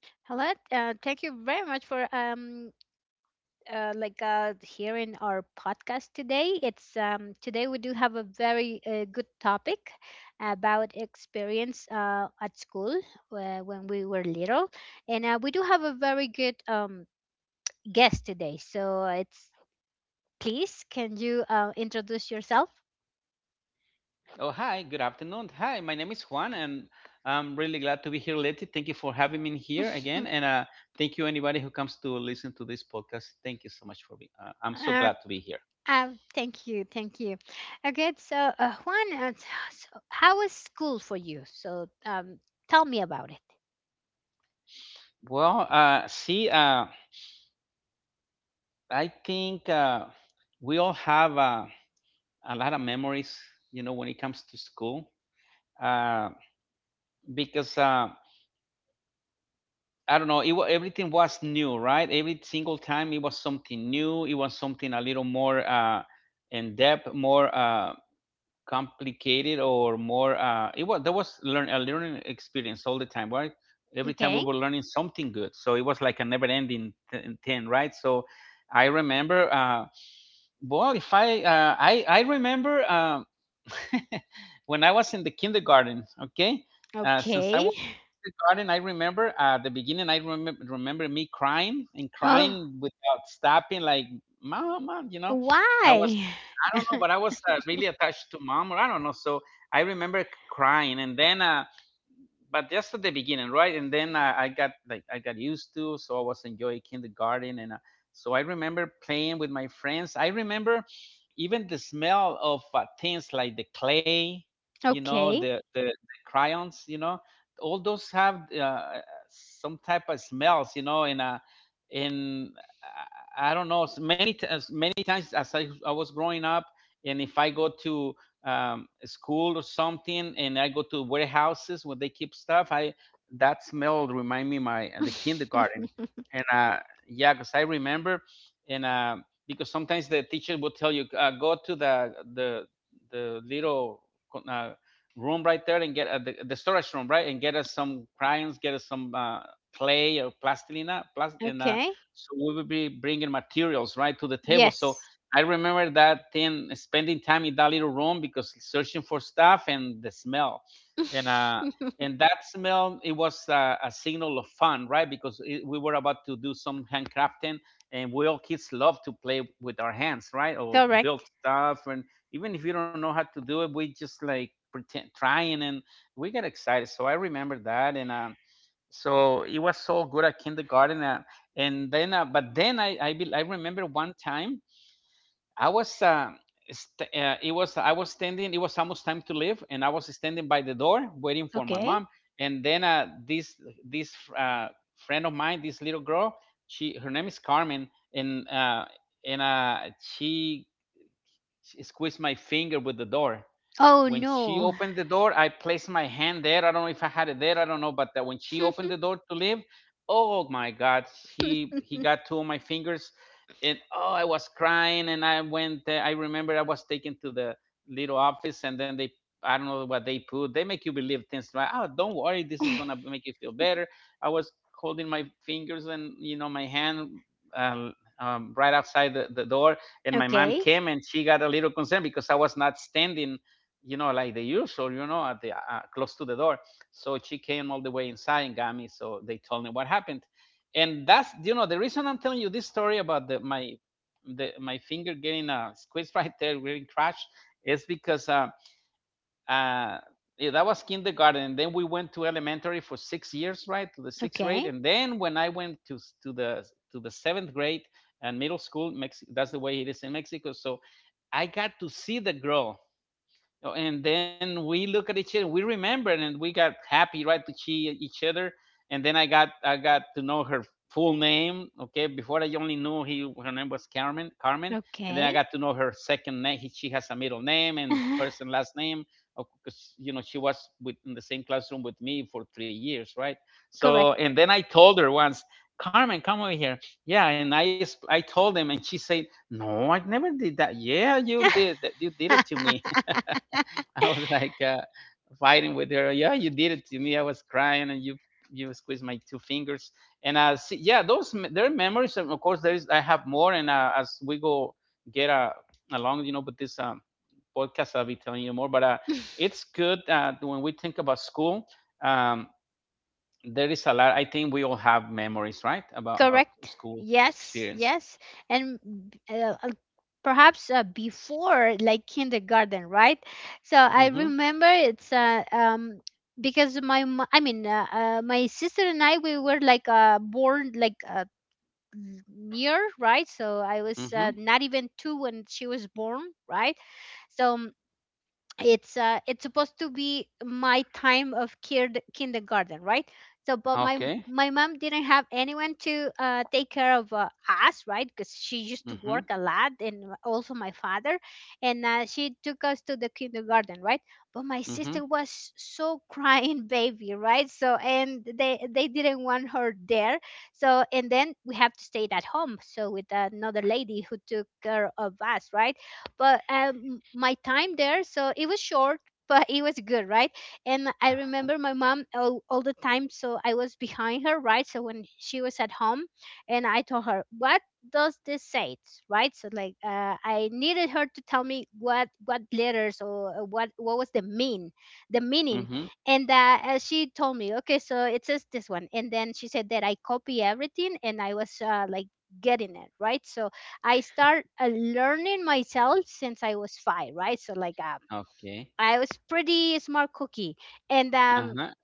Hello, thank you very much for hearing our podcast today. It's today we do have a very good topic about experience at school when we were little, and we do have a very good guest today. So it's please can you introduce yourself? Oh, hi, good afternoon. Hi, my name is Juan, and I'm really glad to be here, Letty. Thank you for having me here again, and thank you anybody who comes to listen to this podcast. Thank you so much for being. I'm so glad to be here. Thank you, thank you. Okay, so Juan, uh, t- so how was school for you? So, tell me about it. Well, uh, see, uh, I think we all have a lot of memories, you know, when it comes to school, uh, because uh, I don't know, everything was new, right? Every single time it was something new. It was something a little more in depth, more. Complicated or more it was there was learn a learning experience all the time, right? Every Okay, time we were learning something good, so it was like a never ending thing, right? So I remember, well if I I remember, when I was in the kindergarten, okay. Okay. Since I was in the garden, I remember, at the beginning, I remember me crying and Oh, crying without stopping, like, mom, mom, you know. I why? was, I don't know, but I was really attached to mom, or I don't know. So I remember crying, and then but just at the beginning, right? And then I got used to, so I was enjoying kindergarten, and so I remember playing with my friends. I remember even the smell of things like the clay, you Okay, know, the crayons, you know, all those have, some type of smells, you know, and and I don't know, as many times as I was growing up, and if I go to school or something, and I go to warehouses where they keep stuff, I, that smell remind me my, the kindergarten, and yeah, because I remember, and because sometimes the teacher will tell you, go to the little co- room right there, and get uh, the storage room, right, and get us some crayons, get us some clay or plastilina, and okay. So we will be bringing materials right to the table. Yes, So I remember that thing, spending time in that little room, because searching for stuff and the smell, and uh, and that smell, it was a signal of fun, right? Because it, we were about to do some handcrafting, and we all kids love to play with our hands, right? Or correct. build stuff, and even if you don't know how to do it, we just like pretend trying, and we get excited. So I remember that, and so it was so good at kindergarten. Uh, and then uh, but then I remember one time I was, st- it was I was standing. It was almost time to leave, and I was standing by the door waiting for my Okay. mom. And then this uh, friend of mine, this little girl, she her name is Carmen, and uh, and she squeeze my finger with the door. Oh When no. she opened the door, I placed my hand there. I don't know if I had it there. I don't know, but that when she opened the door to leave, oh my God, he got two of my fingers, and oh, I was crying. And I went there. I remember I was taken to the little office, and then they, I don't know what they put. They make you believe things like, "Oh, don't worry, this is gonna make you feel better." I was holding my fingers, and you know, my hand, uh, right outside the door, and my Okay, mom came, and she got a little concerned because I was not standing, you know, like the usual, you know, at the, close to the door. So she came all the way inside and got me. So they told me what happened, and that's, you know, the reason I'm telling you this story about my my finger getting squeezed right there, getting crushed, is because, uh, yeah, that was kindergarten. Then we went to elementary for 6 years, right, to the sixth okay, grade. And then when I went to to the the seventh grade and middle school, that's the way it is in Mexico. So I got to see the girl. Oh, and then we look at each other, we remember, and we got happy, right, to see each other. And then I got to know her full name. Okay, before I only knew he her name was Carmen, Carmen. And okay. then I got to know her second name. She has a middle name, and first and last name, because you know, she was with, in the same classroom with me for 3 years, right? Correct. So and then I told her once, Carmen, come over here. Yeah, and I told him, and she said, no, I never did that. Yeah, you did, you did it to me. I was like, fighting with her. Yeah, you did it to me. I was crying, and you squeezed my two fingers. And see, yeah, there are memories. And of course, there is. I have more, and as we go get along, you know, with this podcast, I'll be telling you more. But it's good that when we think about school. Um, there is a lot. I think we all have memories, right, about our Correct. school Yes, experience. yes. And b- uh, uh, perhaps before like kindergarten, right? So I Mm-hmm. remember it's because I mean my sister and I we were like born like near, right? So I was Mm-hmm. not even 2 when she was born, right? So it's supposed to be my time of kid kindergarten, right? So but my Okay. my mom didn't have anyone to take care of us, right? Because she used to work Mm-hmm. a lot, and also my father. And she took us to the kindergarten, right? But my sister Mm-hmm. was so crying baby, right? So and they didn't want her there. So and then we have to stay at home, so with another lady who took care of us, right? But my time there, so it was short, but it was good, right? And I Uh, remember my mom all the time, so I was behind her, right? So when she was at home and I told her, what does this say, right? So like I needed her to tell me what letters, or what was the mean, the meaning. mm-hmm. And she told me okay, so it says this one, and then she said that I copy everything, and I was like getting it, right? So I start learning myself since I was five, right? So like Okay. I was pretty smart cookie, and um, Uh-huh.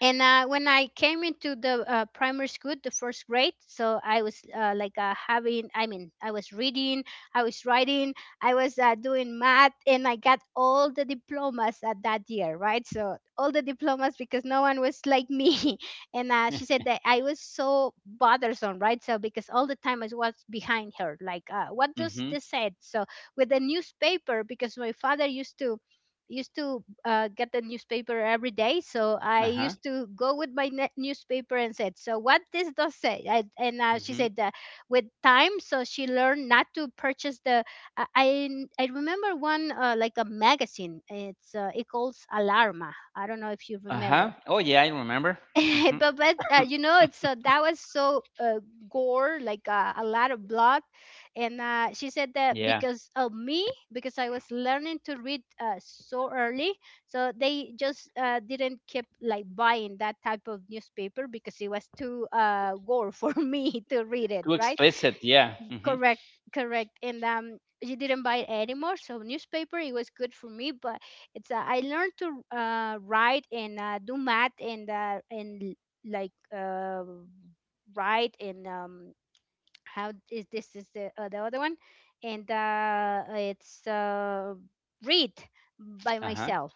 and when I came into the primary school, the first grade, so I was having, I mean, I was reading, I was writing, I was doing math, and I got all the diplomas at that year, right? So all the diplomas, because no one was like me. And she said that I was so bothersome, right? So because all the time I was behind her, like, what does this Mhm. say? So with the newspaper, because my father used to get the newspaper every day, so I used Uh-huh. to go with my newspaper and said so what this does say I, and she said Mhm. With time, so she learned not to purchase the I remember one like a magazine, it calls alarma, I don't know if you remember. Uh-huh. Oh yeah, I remember. Mhm. But you know, so that was so gore, like a lot of blood. And she said that Yeah. because of me, because I was learning to read so early. So they just didn't keep like buying that type of newspaper because it was too gore for me to read it, Too right? explicit. Yeah. Mhm. Correct, correct. And um, you didn't buy it anymore, so newspaper it was good for me. But it's I learned to write and do math and like uh, write and how is this is the other one, and it's read by Uh-huh. myself.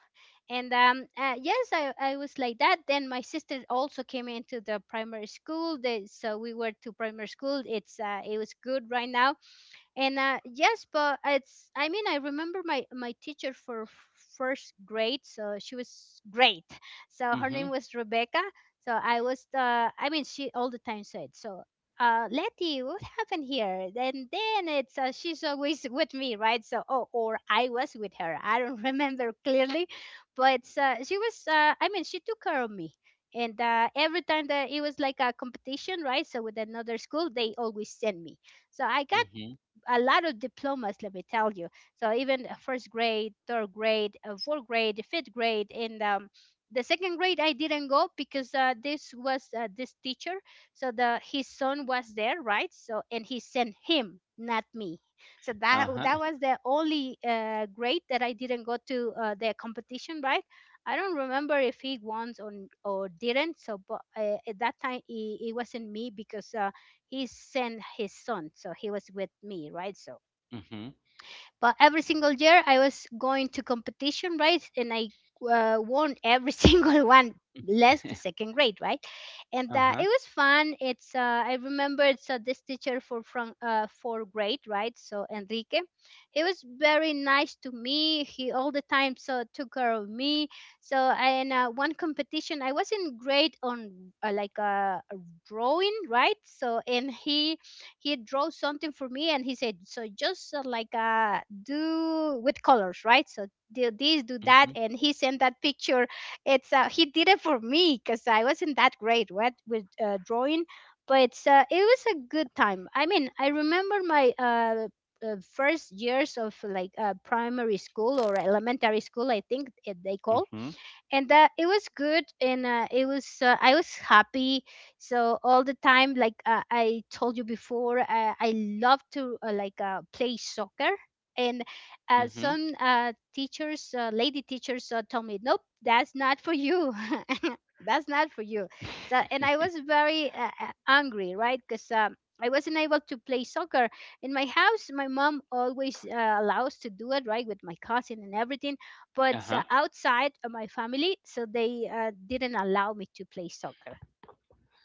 And yes, I was like that, then my sister also came into the primary school they, so we were to primary school, it was good right now. And yes, but it's, I mean, I remember my teacher for first grade, so she was great. So her name Mhm. was Rebecca. So I was I mean, she all the time said, so Letty, what happened here? And then it's she's always with me, right? So, oh, or I was with her. I don't remember clearly, but she was. I mean, she took care of me. And every time that it was like a competition, right? So with another school, they always send me. So I got Mhm. a lot of diplomas, let me tell you. So even first grade, third grade, fourth grade, fifth grade, and the second grade I didn't go, because this teacher. So the his son was there, right? So and he sent him, not me. So that Uh-huh. that was the only grade that I didn't go to the competition, right? I don't remember if he won or didn't. So, but at that time, it wasn't me, because he sent his son, so he was with me, right? So Mhm. but every single year I was going to competition, right? And I won every single one, less the second grade, right? And it Uh-huh. was fun, it's I remember it's this teacher for from for grade, right? So Enrique, he was very nice to me, he all the time so took care of me. So and one competition I wasn't great on drawing, right? So and he drew something for me, and he said, so just do with colors, right? So do this, do that. Mhm. And he sent that picture, it's he did it for me because I wasn't that great, right? With drawing. But it was a good time. I mean, I remember my first years of like primary school or elementary school, I think it, they call. Mhm. And that it was good, and it was I was happy. So all the time, like I told you before, I love to play soccer. And Mhm. some teachers, lady teachers told me nope, that's not for you. That's not for you. So and I was very angry, right? Because I wasn't able to play soccer. In my house, my mom always allows to do it, right? With my cousin and everything. But Uh-huh. Outside of my family, so they didn't allow me to play soccer.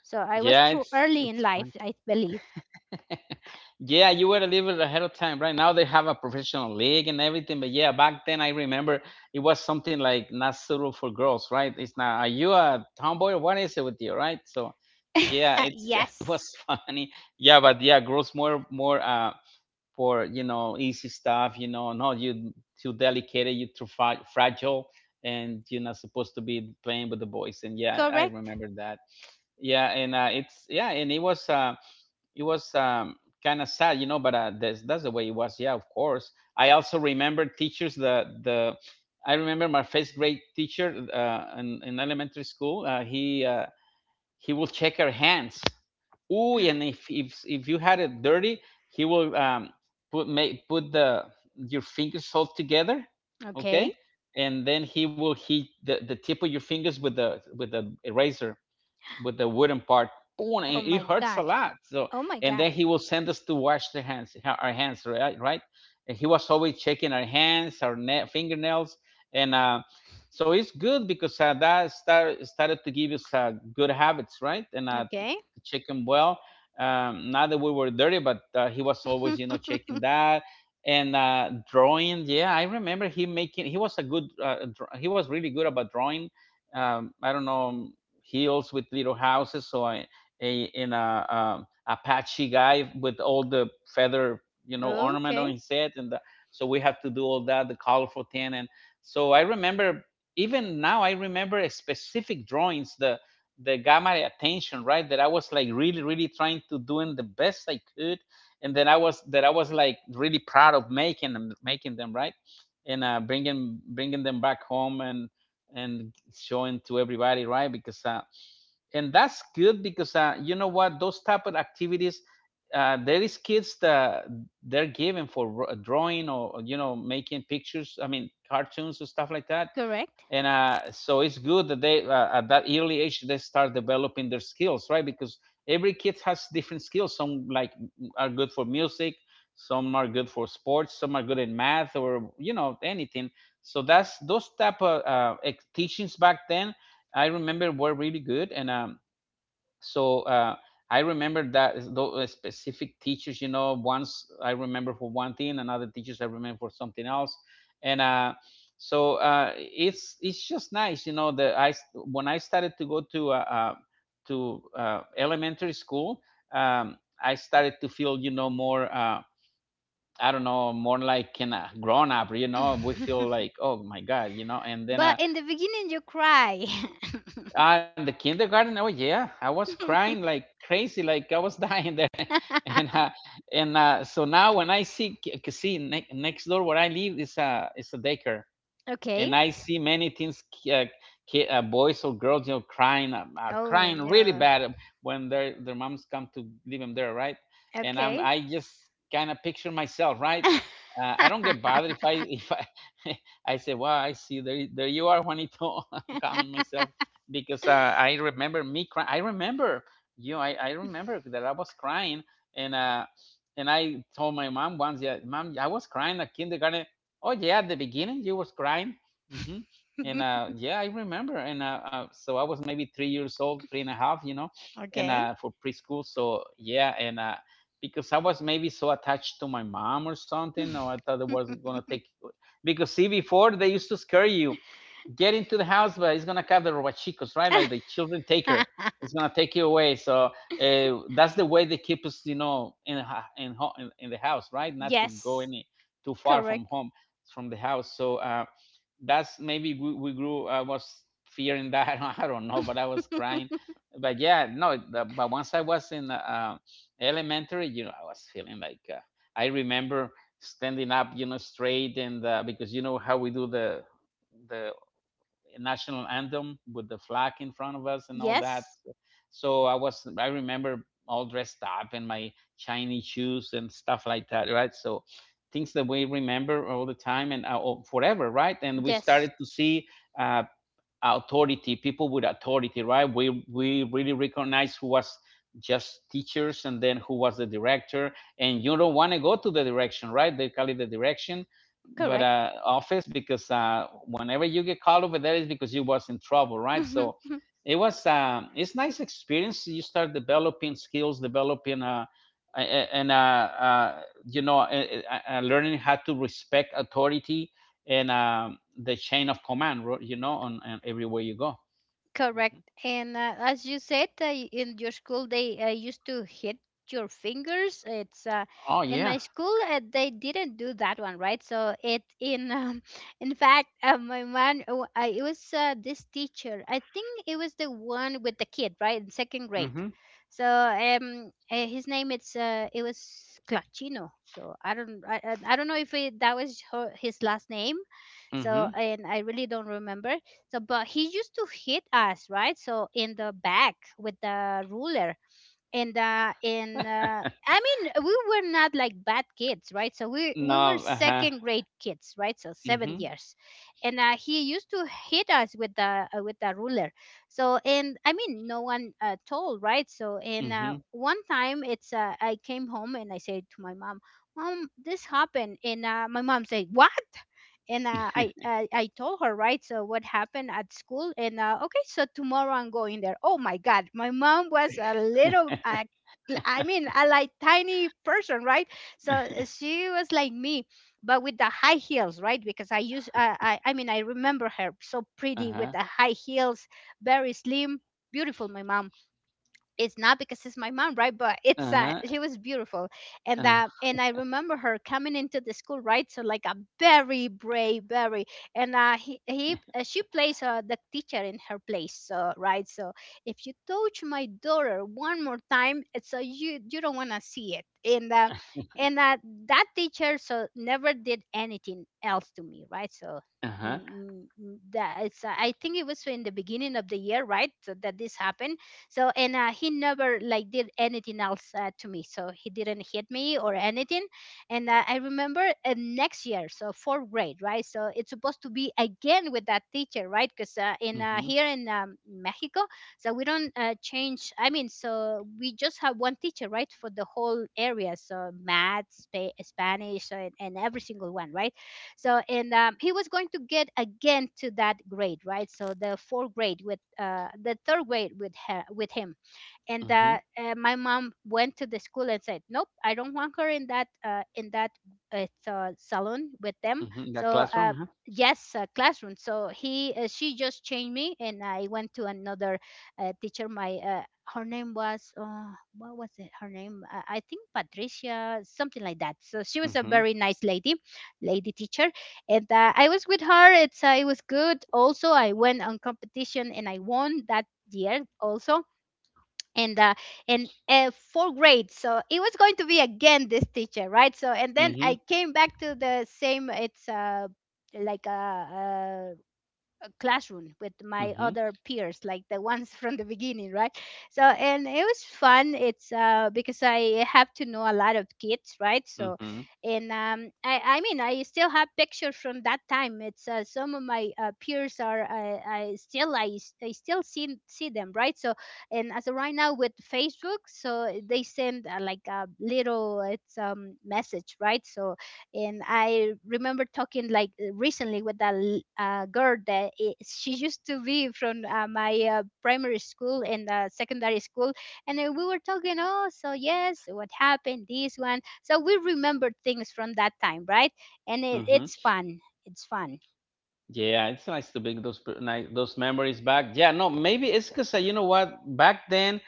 So I was Yeah, too early in it's fun. life, I believe. Yeah, you were a little bit ahead of time. Right now, they have a professional league and everything. But yeah, back then, I remember it was something like not suitable for girls, right? It's not, are you a tomboy? What is it with you, right? So, yeah, it's it Yes, was funny. Yeah, but yeah, girls more more for, you know, easy stuff. You know, no, you too delicate, you too fragile, and you're not supposed to be playing with the boys. And yeah, I correct. remember that. Yeah, and it's, yeah, and it was. It was, kind of sad, you know, but that's the way it was. Yeah, of course. I also remember teachers. The I remember my first grade teacher, in elementary school. He will check her hands. Ooh, and if you had it dirty, he will, put, make, put the, your fingers all together, Okay. okay, and then he will hit the tip of your fingers with the eraser, with the wooden part. Boom, Oh and my it hurts a god, lot. So, oh my and god. then he will send us to wash the hands, our hands, right? Right? And he was always checking our hands, our fingernails, and so it's good because uh, started to give us good habits, right? And Okay. chicken well. Not that we were dirty, but he was always, you know, checking that, and drawing. Yeah, I remember him making. He was a good. He was really good about drawing. I don't know, hills with little houses. So I, a in a Apache guy with all the feather, you know, ornament on Okay, his head, and the, so we have to do all that, the colorful thing, and so I remember, even now I remember specific drawings, the that got my attention, right? That I was like really, really trying to doing the best I could, and then I was like really proud of making them right, and uh, bringing them back home, and showing to everybody, right? Because and that's good because you know what, those type of activities. There is kids that they're given for drawing, or you know, making pictures. I mean, cartoons and stuff like that, correct. and so it's good that they, at that early age, they start developing their skills, right? Because every kid has different skills. Some like are good for music, some are good for sports, some are good in math, or, you know, anything. So that's those type of teachings back then, I remember, were really good. And so uh, I remember that is specific teachers, you know, once I remember for one thing, another teachers I remember for something else, and it's just nice, you know. When I started to go to elementary school, um, I started to feel, you know, more. I don't know, more like in a grown up, you know, we feel like, oh my God, you know, But in the beginning you cry. and the kindergarten. Oh yeah, I was crying like crazy, like I was dying there, and uh, and so now when I see see next door where I live is a daycare, Okay. and I see many things, boys or girls, you know, crying, Oh crying really no. bad, when their moms come to leave them there, right? And I'm Okay. I just kind of picture myself, right? I don't get bothered. If I I say, "Wow, I see there you are, Juanito." I'm counting myself because I remember me crying. I remember, you know, I remember that I was crying, and uh, and I told my mom once, "Yeah, mom, I was crying at kindergarten." Oh yeah, at the beginning you was crying. Hmm. And yeah, I remember. And So I was maybe 3 years old, three and a half, you know, and Okay. For preschool. So yeah, and because I was maybe so attached to my mom or something, or I thought it was gonna take. Because see, before they used to scare you, get into the house, but it's gonna come the robachicos, right? Like the children take her, it's gonna take you away. So that's the way they keep us, you know, in the house, right? Not to go Yes, any too far from correct. home, from the house. So. That's maybe we grew. I was fearing that, I don't know, but I was crying. But yeah, no, but once I was in elementary, you know, I was feeling like, I remember standing up, you know, straight, and because you know how we do the national anthem with the flag in front of us and all that. Yes, So I remember all dressed up in my Chinese shoes and stuff like that, right? So things that we remember all the time, and oh, forever, right? And we yes, started to see uh, authority, people with authority, right? We really recognize who was just teachers and then who was the director, and you don't want to go to the direction, right? They call it the direction, but correct. Office, because whenever you get called over there is because you was in trouble, right? So it was it's nice experience. You start developing skills, developing, a- and uh, you know, learning how to respect authority, and the chain of command, you know, on everywhere you go. Correct. Hmm. And as you said, in your school they used to hit your fingers. It's Oh In yeah. my school they didn't do that one, right? So it in in fact, my man, I, it was this teacher. I think it was the one with the kid, right, in second grade. Mm-hmm. So his name it was Clachino. So I don't I don't know if it, that was her, his last name. So Mm-hmm. and I really don't remember. So but he used to hit us, right? So in the back with the ruler. And in I mean, we were not like bad kids, right? So we were No. Uh huh. second grade kids, right? So 7 Mm-hmm. years. And he used to hit us with the ruler. So and I mean no one told, right? So and Mm-hmm. one time it's I came home and I said to my mom, mom this happened. And my mom said what. And uh, I, I i told her, right? So what happened at school. And okay, so tomorrow I'm going there. Oh my god, my mom was a little I mean a like tiny person, right? So she was like me, but with the high heels, right? Because I use I mean I remember her so pretty with Uh-huh. the high heels, very slim, beautiful my mom. It's not because it's my mom, right? But it's Uh-huh. She was beautiful. And that, Uh-huh. and I remember her coming into the school, right? So like a very brave, very. And he she plays the teacher in her place, so right? So if you touch my daughter one more time, it's so you don't want to see it. And and uh, that teacher so never did anything else to me, right? So Uh huh. mm, mm, mm, that it's I think it was in the beginning of the year, right? So that this happened. So and he never like did anything else to me, so he didn't hit me or anything. And I remember next year, so fourth grade, right? So it's supposed to be again with that teacher, right? Because in Mm-hmm. here in Mexico. So we don't change, I mean, so we just have one teacher, right, for the whole area. So math, Spanish, and every single one, right? So and he was going to get again to that grade, right? So the fourth grade with the third grade, with her, with him. And Mm-hmm. that my mom went to the school and said, nope, I don't want her in that salon with them. Mm-hmm. That So classroom, huh? yes, classroom. So he she just changed me and I went to another teacher. My her name was what was it, her name? I think Patricia, something like that. So she was a Mm-hmm. very nice lady teacher. And I was with her. It was good. Also I went on competition and I won that year also. And uh, and uh, fourth grade, so it was going to be again this teacher, right? So and then Mm-hmm. I came back to the same. It's like a, classroom with my Mm-hmm. other peers, like the ones from the beginning, right? So, and it was fun. It's because I have to know a lot of kids, right? So, Mm-hmm. and I mean, I still have pictures from that time. It's some of my peers are. I still I still see them, right? So, and as of right now with Facebook, so they send like a little it's message, right? So and I remember talking like recently with a girl that I she used to be from my primary school and secondary school, and we were talking. Oh, so yes, what happened? This one. So we remembered things from that time, right? And it, Mm-hmm. it's fun. It's fun. Yeah, it's nice to bring those memories back. Yeah, no, maybe it's because, you know what? Back then,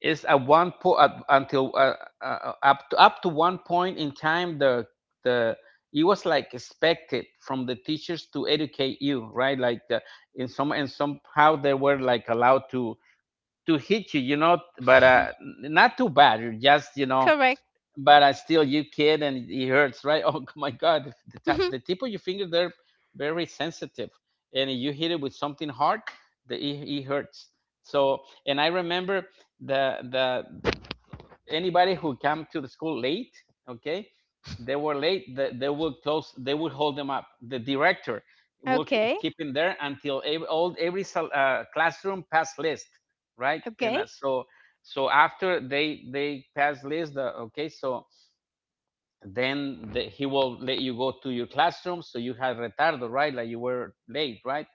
it's at one point, until up to up to one point in time, the it was like expected from the teachers to educate you, right? Like in some and somehow they were like allowed to hit you, you know, but, not too bad. You Just, you know, Correct. but I still you kid and it hurts, right? Oh, my God, Mhm. the tip of your finger they're very sensitive, and if you hit it with something hard, the it, it hurts. So, and I remember the anybody who came to the school late, okay, they were late. They would close. They would hold them up. The director would Okay. keep him there until every classroom pass list, right? And Okay. so so after they pass list, okay. So then he will let you go to your classroom, so you had retardo, right? Like you were late, right?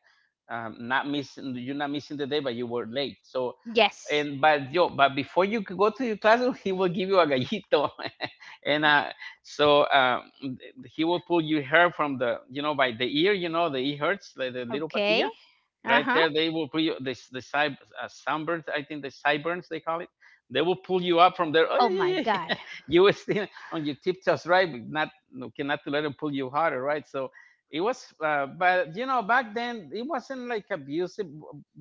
not missing, you're not missing the day, but you were late. So, Yes. and but yo but before you could go to your classroom, he will give you a gallito, and so he will pull your hair from the, you know, by the ear. You know the ear hurts, like the little Okay. patilla Uh right huh. there. They will pull you the side, sunburns, I think the sideburns they call it. They will pull you up from there. Oh Oh yeah, my yeah, god. yeah. You were still on your tiptoes, right? But not, no, cannot to let them pull you harder, right? So it was, but you know, back then it wasn't like abusive.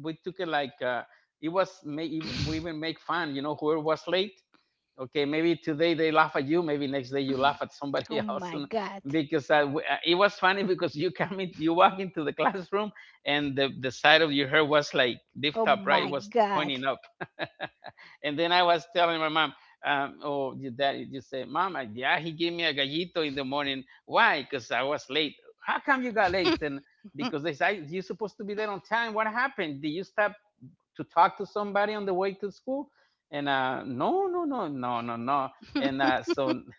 We took it like, we even make fun, you know, whoever was late. Okay, maybe today they laugh at you, maybe next day you laugh at somebody Oh else. my And god. Because it was funny because you come in, you walk into the classroom, and the side of your hair was like lift Oh up, right? It my was god. pointing up. And then I was telling my mom, oh your dad, you say, mom, yeah, he gave me a gallito in the morning. Why? Because I was late. How come you got late? And Because they said you're supposed to be there on time. What happened? Did you stop to talk to somebody on the way to school? And No, no, no, no, no, no. and so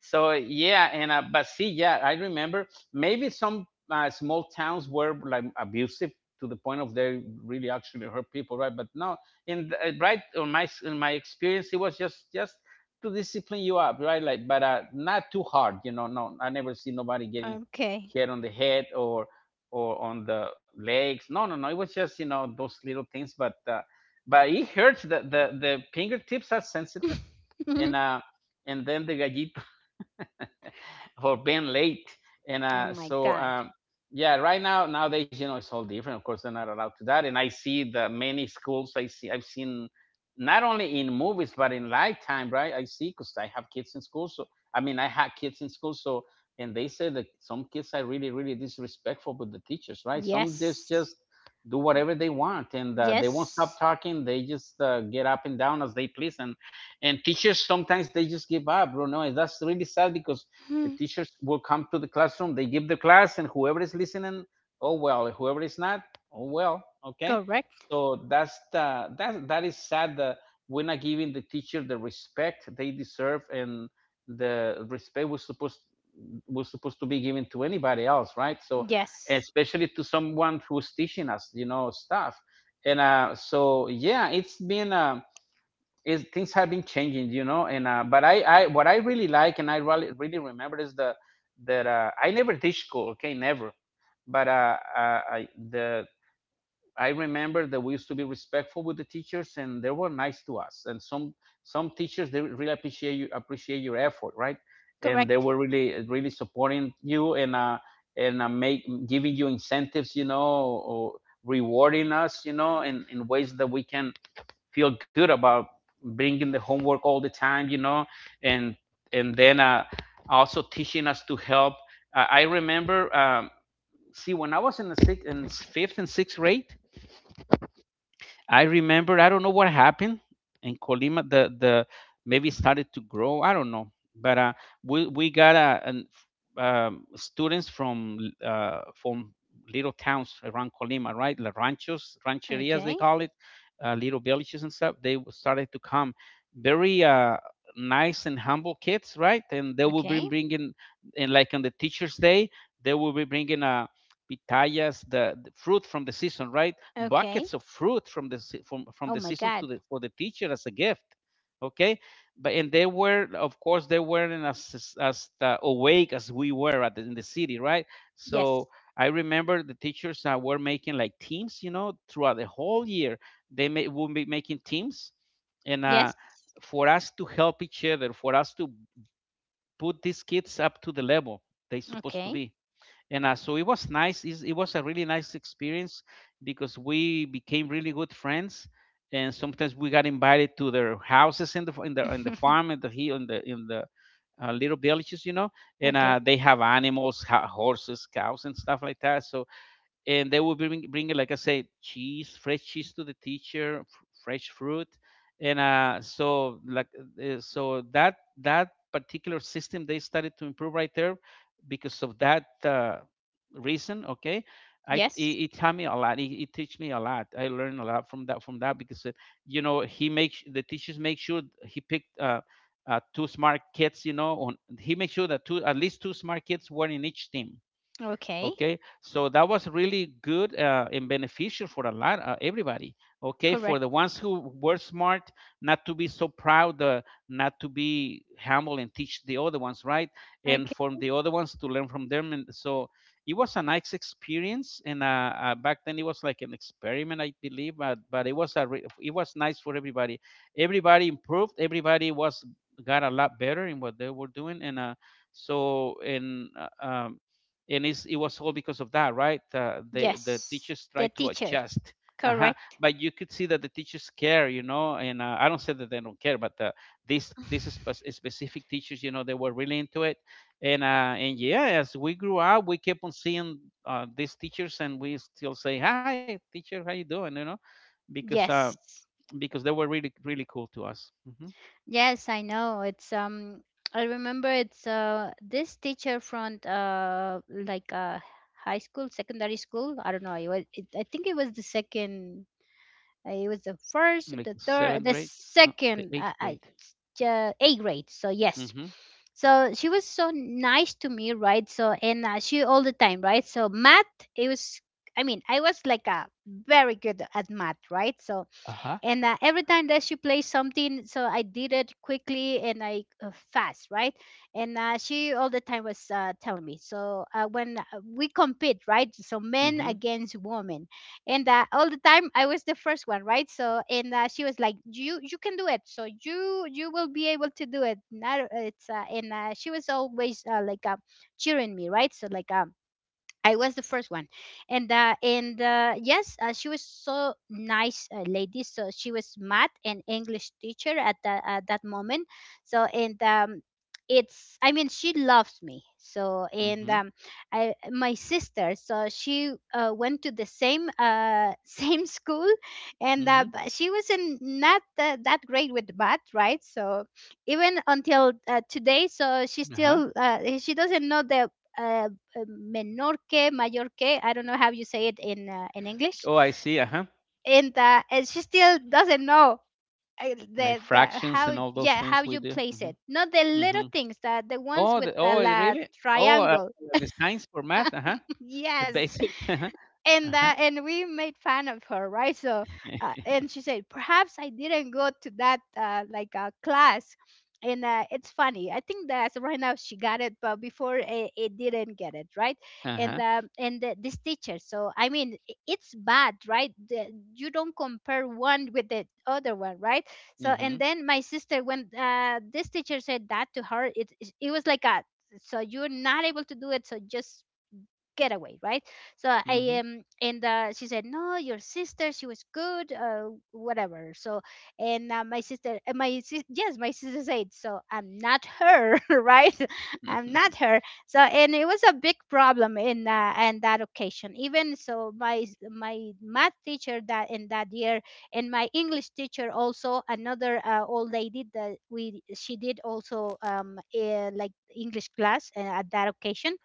so Yeah, and but see, yeah, I remember maybe some, small towns were like abusive, to the point of they really actually hurt people, right? But no, in right on my in my experience, it was just to discipline you up, right? Like but, not too hard, you know. No, I never see nobody getting Okay. hit on the head, or on the legs. No, no, no. It was just, you know, those little things. But, but it hurts. The fingertips are sensitive. and oh uh and then the gallito for being late. And uh, my so, god. um, yeah, right now, nowadays, you know, it's all different. Of course, they're not allowed to that. And I see the many schools. I've seen not only in movies but in lifetime, right? I see because I have kids in school. So I mean, I had kids in school. So, and they say that some kids are really, really disrespectful with the teachers, right? Some just Yes. just do whatever they want, and they won't stop Yes. talking. They just, get up and down as they please. And and teachers sometimes they just give up, you know, and that's really sad, because the Hmm. teachers will come to the classroom, they give the class, and whoever is listening, oh well, whoever is not, oh well, okay. Correct. So that's the, that that is sad that we're not giving the teacher the respect they deserve, and the respect was supposed to be given to anybody else, right? So Yes. especially to someone who's teaching us, you know, stuff. And so Yeah, it's been a, is, things have been changing, you know. And But I, what I really like and I really really remember is the that, I never teach school, okay, never. But I the I remember that we used to be respectful with the teachers and they were nice to us. And some teachers, they really appreciate you, appreciate your effort, right? And they Correct. were really really supporting you, and make giving you incentives, you know, or rewarding us, you know, in ways that we can feel good about, bringing the homework all the time, you know, and and then also teaching us to help. I remember, see, when I was in fifth and sixth grade, I remember, I don't know what happened in Colima. The Maybe it started to grow. I don't know, but, we got students from, from little towns around Colima, right? La ranchos, rancherias they Okay. call it, little villages and stuff. They started to come, very, nice and humble kids, right? And they will be Okay. bringing, and like on the Teachers' Day, they will be bringing, pitayas, the fruit from the season, right? Okay. Buckets of fruit from the from Oh the my season to god. the for the teacher as a gift. Okay, but and they were, of course, they weren't as awake as we were at in the city, right? So Yes. I remember the teachers were making like teams, you know, throughout the whole year. They would be making teams, and Yes. for us to help each other, for us to put these kids up to the level they supposed to Okay. be. And uh, so it was nice. It was a really nice experience because we became really good friends, and sometimes we got invited to their houses in in the farm and the hill in the little villages, you know. and okay. uh, they have animals, horses, cows and stuff like that. And they would bring, like I said, cheese, fresh cheese to the teacher, fresh fruit, and so like so that that particular system they started to improve right there because of that reason. Okay, Yes. It taught me a lot. It teach me a lot. I learned a lot from that, from that, because you know, he makes the teachers make sure he picked. Two smart kids, you know, on, he made sure that two, at least two smart kids were in each team. Okay. Okay, so that was really good and beneficial for a lot, everybody. Okay, for Correct. the ones who were smart, not to be so proud, not to be humble and teach the other ones, right, and Okay. from the other ones to learn from them. And so It was a nice experience, and back then it was like an experiment, I believe, but it was a it was nice for everybody. Everybody improved, everybody was got a lot better in what they were doing. And uh, so and uh, um, and it's, it was all because of that, right? The Yes. teachers The tried to teacher. adjust. Uh-huh. Correct. But you could see that the teachers care, you know, and I don't say that they don't care, but this is specific teachers, you know. They were really into it. And yeah, as we grew up, we kept on seeing these teachers, and we still say hi, teacher, how you doing, you know? because uh yes. because they were really, really cool to us. Hmm. Yes, I know. It's I remember it's this teacher from high school, secondary school. I don't know. I think it was the second. It was the first, Like the third, seventh the grade, the second eighth grade. ja- A grade. So yes. Mm-hmm. So she was so nice to me, right? So and she all the time, right? So math, it was, I mean, I was like a very good at math, right? So Uh-huh. and every time that she plays something, so I did it quickly and I fast, right? And she all the time was telling me. So when we compete, right? So men Mm-hmm. against women, and all the time I was the first one, right? So and she was like, you can do it, so you will be able to do it, not it's and she was always like cheering me, right? So like I was the first one, and yes, she was so nice lady. So she was math and English teacher at that moment. So and it's I mean she loves me. So and Mm-hmm. I my sister. So she went to the same same school, and Mm-hmm. but she was in not that great with math, right? So even until today, so she Uh-huh. still she doesn't know the uh, menor que, mayor que. I don't know how you say it in English. Oh, I see. Uh huh. And and she still doesn't know Like the fractions how, and all those yeah, how things we you do. place it. Hmm. Not the little Hmm. things, the ones with the Oh, la really? Oh, uh, triangle. the signs for math. Uh huh. The yes, basic. Uh and huh. that and we made fun of her, right? So and she said, perhaps I didn't go to that class. And it's funny. I think that right now she got it, but before it didn't get it, right? Uh huh. And Uh huh. And the, this teacher. So I mean, it's bad, right? The, you don't compare one with the other one, right? So and Mm-hmm. then my sister, when this teacher said that to her, it was like a, so you're not able to do it, so just getaway, right? So I Mm-hmm. And she said, no, your sister, she was good, whatever. So and my sister, my my sister said, so I'm not her, right? I'm not her. So and it was a big problem in and that occasion. Even so, my math teacher that in that year, and my English teacher, also another old lady that we she did also like English class at that occasion.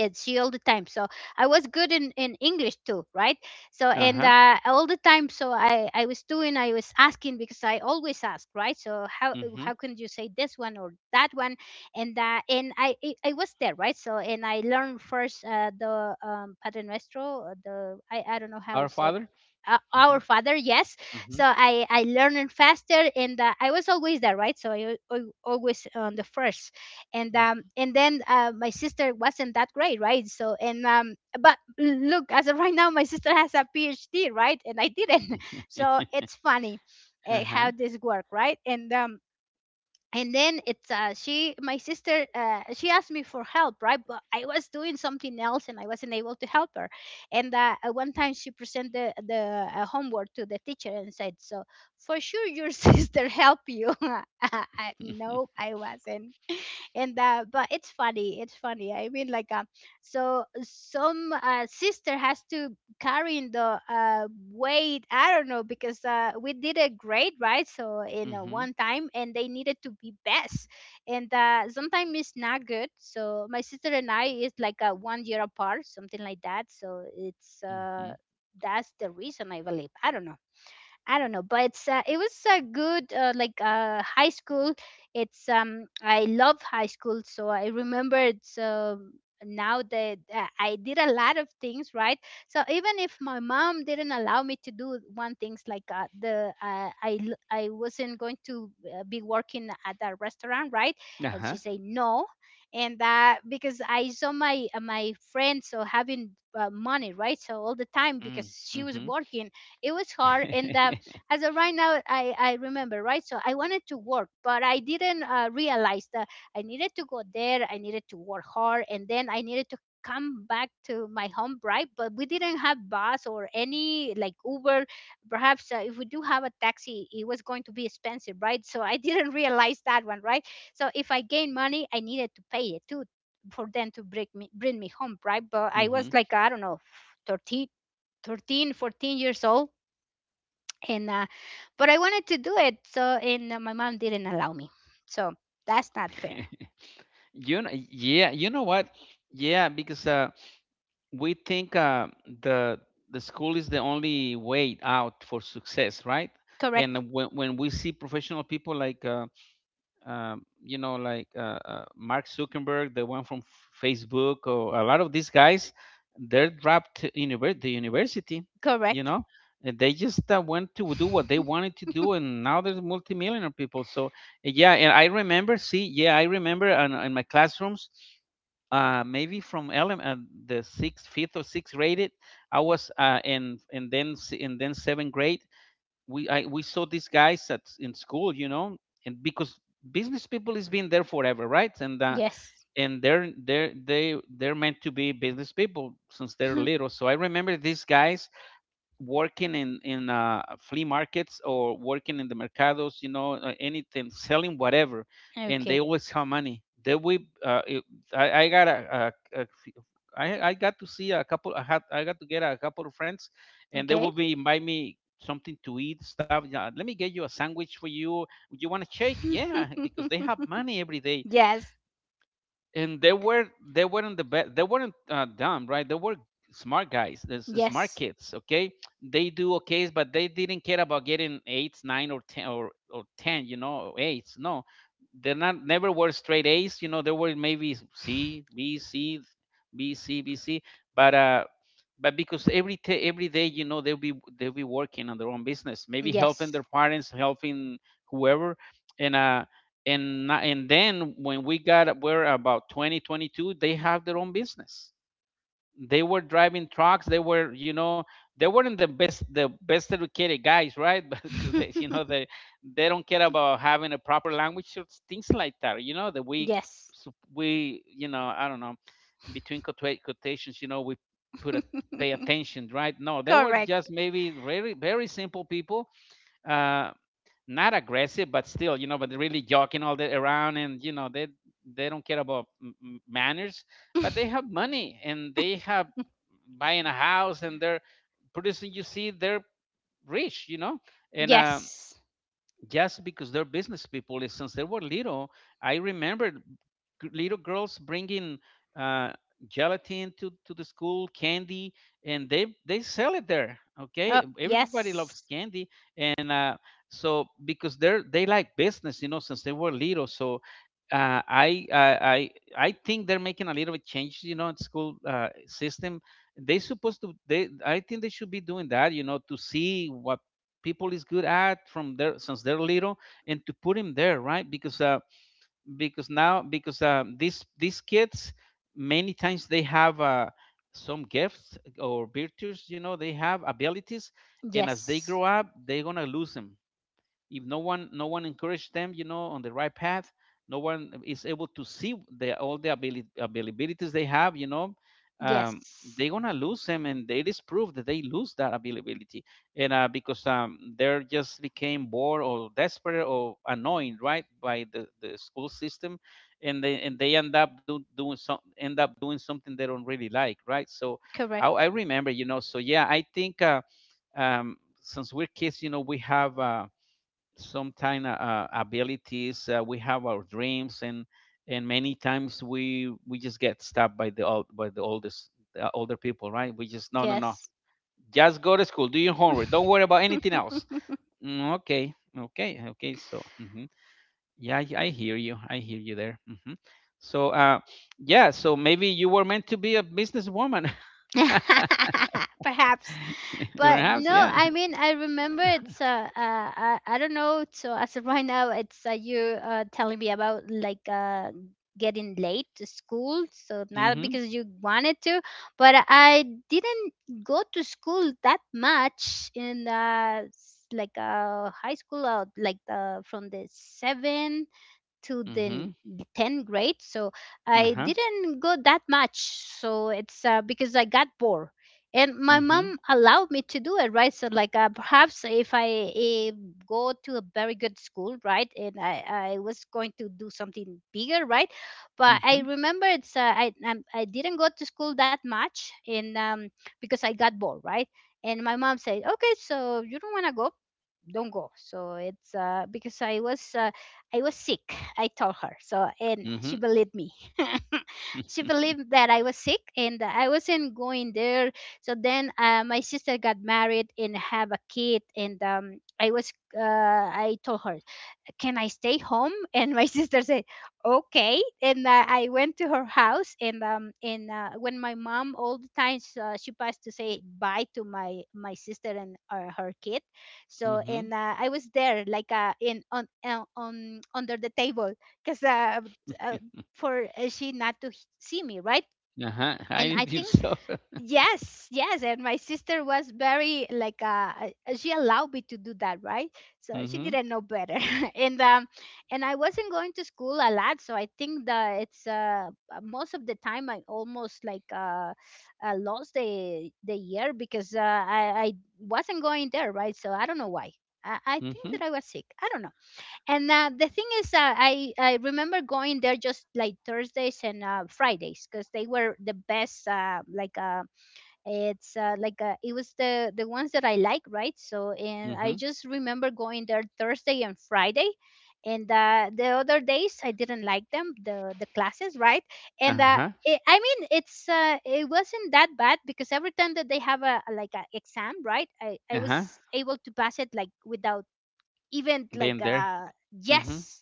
It's she all the time, so I was good in English too, right? So Uh and huh. All the time, so I was doing, I was asking because I always ask, right? So Mm-hmm. how can you say this one or that one? And and I was there, right? So and I learned first the pater nuestro, the I don't know how Our you said Father. Mm-hmm. our father, yes. Mm-hmm. So I learned faster. And I was always there, right? So always on the first. And and then my sister wasn't that great, right? So and but look, as of right now my sister has a PhD, right? And I didn't. So it's funny Uh huh. how this work, right? And and then it's she my sister she asked me for help, right? But I was doing something else and I wasn't able to help her. And one time she presented the, homework to the teacher and said, so for sure your sister helped you. I, no, I wasn't. And but it's funny, it's funny, I mean like so some sister has to carry in the weight. I don't know because we did a grade, right? So in Mm-hmm. one time and they needed to be best. And sometimes it's not good. So my sister and I is like 1 year apart, something like that. So it's Mm-hmm. that's the reason, I believe. I don't know. I don't know, but it was a good high school. It's I love high school. So I remember it's now that I did a lot of things, right. So even if my mom didn't allow me to do one things like the I wasn't going to be working at that restaurant, right, Uh and huh. she say no, and that because I saw my my friends so having money, right, so all the time because she was Mm-hmm. working, it was hard. And as of right now I remember, right? So I wanted to work but I didn't realize that I needed to go there, I needed to work hard, and then I needed to come back to my home, right? But we didn't have bus or any like Uber. Perhaps if we do have a taxi, it was going to be expensive, right? So I didn't realize that one, right? So if I gain money I needed to pay it too for them to bring me home, right? But I was Mm-hmm. like, I don't know, 13, 13, 14 years old. And but I wanted to do it. So and my mom didn't allow me. So that's not fair. You know, yeah. You know what? Yeah, because we think the the school is the only way out for success, right? Correct. And when we see professional people like you know, like Mark Zuckerberg, the one from Facebook, or a lot of these guys, they're dropped to the university, you Correct. know, and they just went to do what they wanted to do, and now there's multimillionaire people. So yeah, and I remember, see, yeah, I remember in my classrooms, maybe from elem the sixth, fifth or sixth grade, it I was in and then seventh grade we saw these guys at in school, you know, and because business people is been there forever, right? And yes. They're they they're meant to be business people since they're little. So I remember these guys working in flea markets or working in the mercados, you know, anything selling whatever, and okay. they always have money. They we it, I got a I got to see a couple. I had I got to get a couple of friends, and they Okay. would be invite me something to eat stuff. Yeah, let me get you a sandwich for you. You want a shake? Yeah, because they have money every day. yes. And they were, they weren't the best, they weren't dumb, right, they were smart guys. There's smart Yes. kids. Okay, they do okay, but they didn't care about getting eights, nine or ten, or ten, you know, or eights, no. They're not, never were straight A's, you know. They were maybe C, b c But because every day, you know, they'll be, they'll be working on their own business, maybe helping Yes. their parents, helping whoever. And uh and na- and then when we got we're about 2022, they have their own business. They were driving trucks, they were, you know, they weren't the best, the best educated guys, right. But they, you know, they don't care about having a proper language, so things like that, you know, that we, yes. so we, you know, I don't know, between quotations, you know, we put a pay attention, right? No, they were just Correct. maybe very, very simple people. Uh, not aggressive, but still, you know, but they're really joking all that around, and you know, they don't care about manners, but they have money and they have buying a house, and they're producing. You see, they're rich, you know, and yes. just because they're business people. And since they were little, I remember, little girls bringing uh, gelatin to the school, candy, and they sell it there. Oh, Okay, everybody loves yes. candy, and because they're, they like business, you know, since they were little. So uh, I, I I I think they're making a little bit change, you know, in school system. They supposed to they I think they should be doing that, you know, to see what people is good at from their since they're little, and to put him there, right, because now, because um, these kids many times they have some gifts or virtues, you know, they have abilities, and as they Yes. grow up, they're gonna lose them if no one, no one encouraged them, you know, on the right path. No one is able to see the all the availabilities they have, you know. um, Yes. they're gonna lose them, and it is proof that they lose that availability, and because they're just became bored or desperate or annoyed, right, by the school system, and they, and they end up doing some, end up doing something they don't really like, right. So I Correct. remember, you know. So yeah, I think since we're kids, you know, we have sometimes abilities, we have our dreams, and many times we just get stopped by the old, by the oldest, older people, right. We just, no, no, no, Yes. just go to school, do your homework, don't worry about anything else. Mm, okay. Okay, okay, so, mhm. Yeah, I hear you, I hear you there. Hmm. So yeah, so maybe you were meant to be a businesswoman. Perhaps, but Perhaps, no. yeah. I mean, I remember it's I don't know. So as of right now, it's you telling me about like getting late to school. So not Mm-hmm. because you wanted to, but I didn't go to school that much in like high school, or like from the seven to the Mm-hmm. 10th grade, so I Uh-huh. didn't go that much. So it's because I got bored, and my mom Mm-hmm. allowed me to do it, right? So like perhaps if I eh, go to a very good school, right, and I was going to do something bigger, right? But I Mm-hmm. remember it's I didn't go to school that much, and because I got bored, right. And my mom said, okay, so you don't want to go, don't go. So it's because I was sick, I told her. So, and she Mm-hmm. believed me. She Mm-hmm. believed that I was sick and that I wasn't going there. So then my sister got married and have a kid. And I was, I told her, can I stay home? And my sister said, okay. And I went to her house, and when my mom all the time she passed to say bye to my sister and her kid, so and Mm-hmm. uh, I was there like in on under the table because uh for she not to see me, right. Uh-huh. And Hide I it think. yourself. Yes, yes, and my sister was very like she allowed me to do that, right? So she Mhm. didn't know better. and um and I wasn't going to school a lot, so I think that it's most of the time I almost like lost the year because I wasn't going there, right? So I don't know why. I think that Mhm. I was sick. I don't know. And The thing is, I remember going there just like Thursdays and Fridays because they were the best like it's like it was the ones that I like, right. So and I Mhm. just remember going there Thursday and Friday, and the other days I didn't like them, the classes, right. And Uh-huh. I mean it wasn't that bad because every time that they have like a exam, right, I Uh-huh. was able to pass it like without even like Been there. Mhm. yes,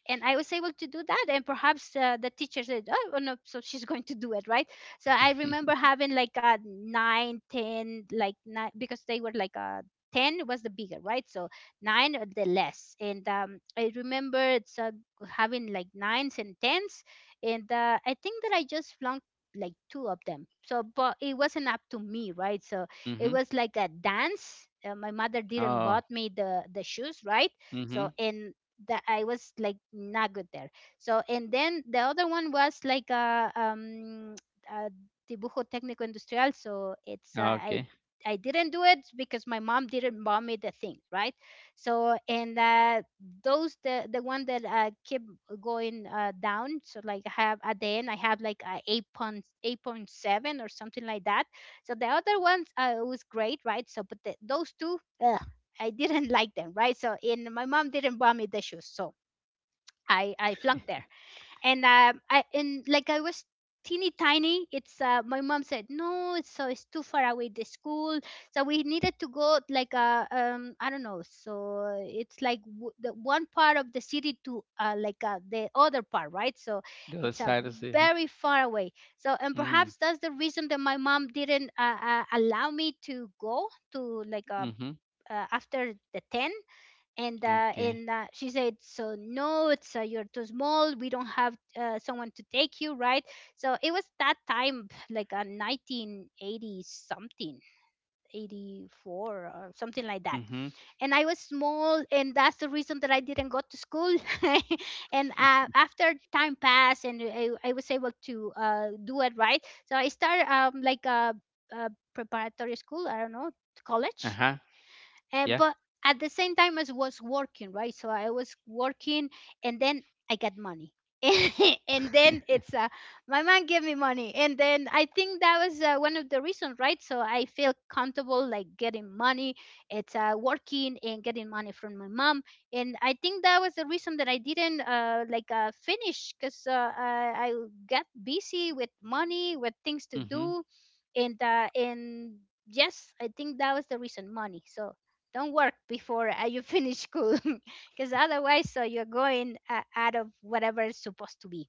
and I was able to do that. And perhaps the teacher said, "Oh, oh, no, so she's going to do it, right?" So I remember having like a nine, ten, like nine, because they were like a ten was the bigger, right? So nine or the less. And I remember it's having like nines and tens, and I think that I just flunked like two of them. So, but it wasn't up to me, right? So it Mhm. was like a dance. My mother didn't Oh. bought me the shoes, right? So Mhm. and that I was like not good there. So and then the other one was like a a dibujo técnico industrial. So it's I Okay. I didn't do it because my mom didn't buy me the thing, right? So and those the one that keep going down. So like I have at the end I have like a 8.8 point seven or something like that. So the other ones was great, right? So but the, those two. I didn't like them, right? So and my mom didn't buy me the shoes, so I flunked there. And I and like I was teeny tiny. It's My mom said no, it's so it's too far away the school, so we needed to go like I don't know. So it's like the one part of the city to like the other part, right? So The other it's a side is the huh? very far away. So and Mm. perhaps that's the reason that my mom didn't allow me to go to like a Mhm. After the 10, and uh, Okay. and uh, she said, so no it's you're too small, we don't have someone to take you, right. So it was that time like a 1980 something, 84 or something like that, Mhm. and I was small, and that's the reason that I didn't go to school. And after time passed, and I was able to do it, right. So I started like a preparatory school, I don't know, college, Uh-huh. Yeah. but at the same time as was working, right. So I was working, and then I got money. And then it's my mom gave me money, and then I think that was one of the reasons, right. So I feel comfortable like getting money. It's Working and getting money from my mom. And I think that was the reason that I didn't like finish, because I got busy with money, with things to Mhm. do, and yes, I think that was the reason, money. So don't work before you finish school, because otherwise so you're going out of whatever is supposed to be.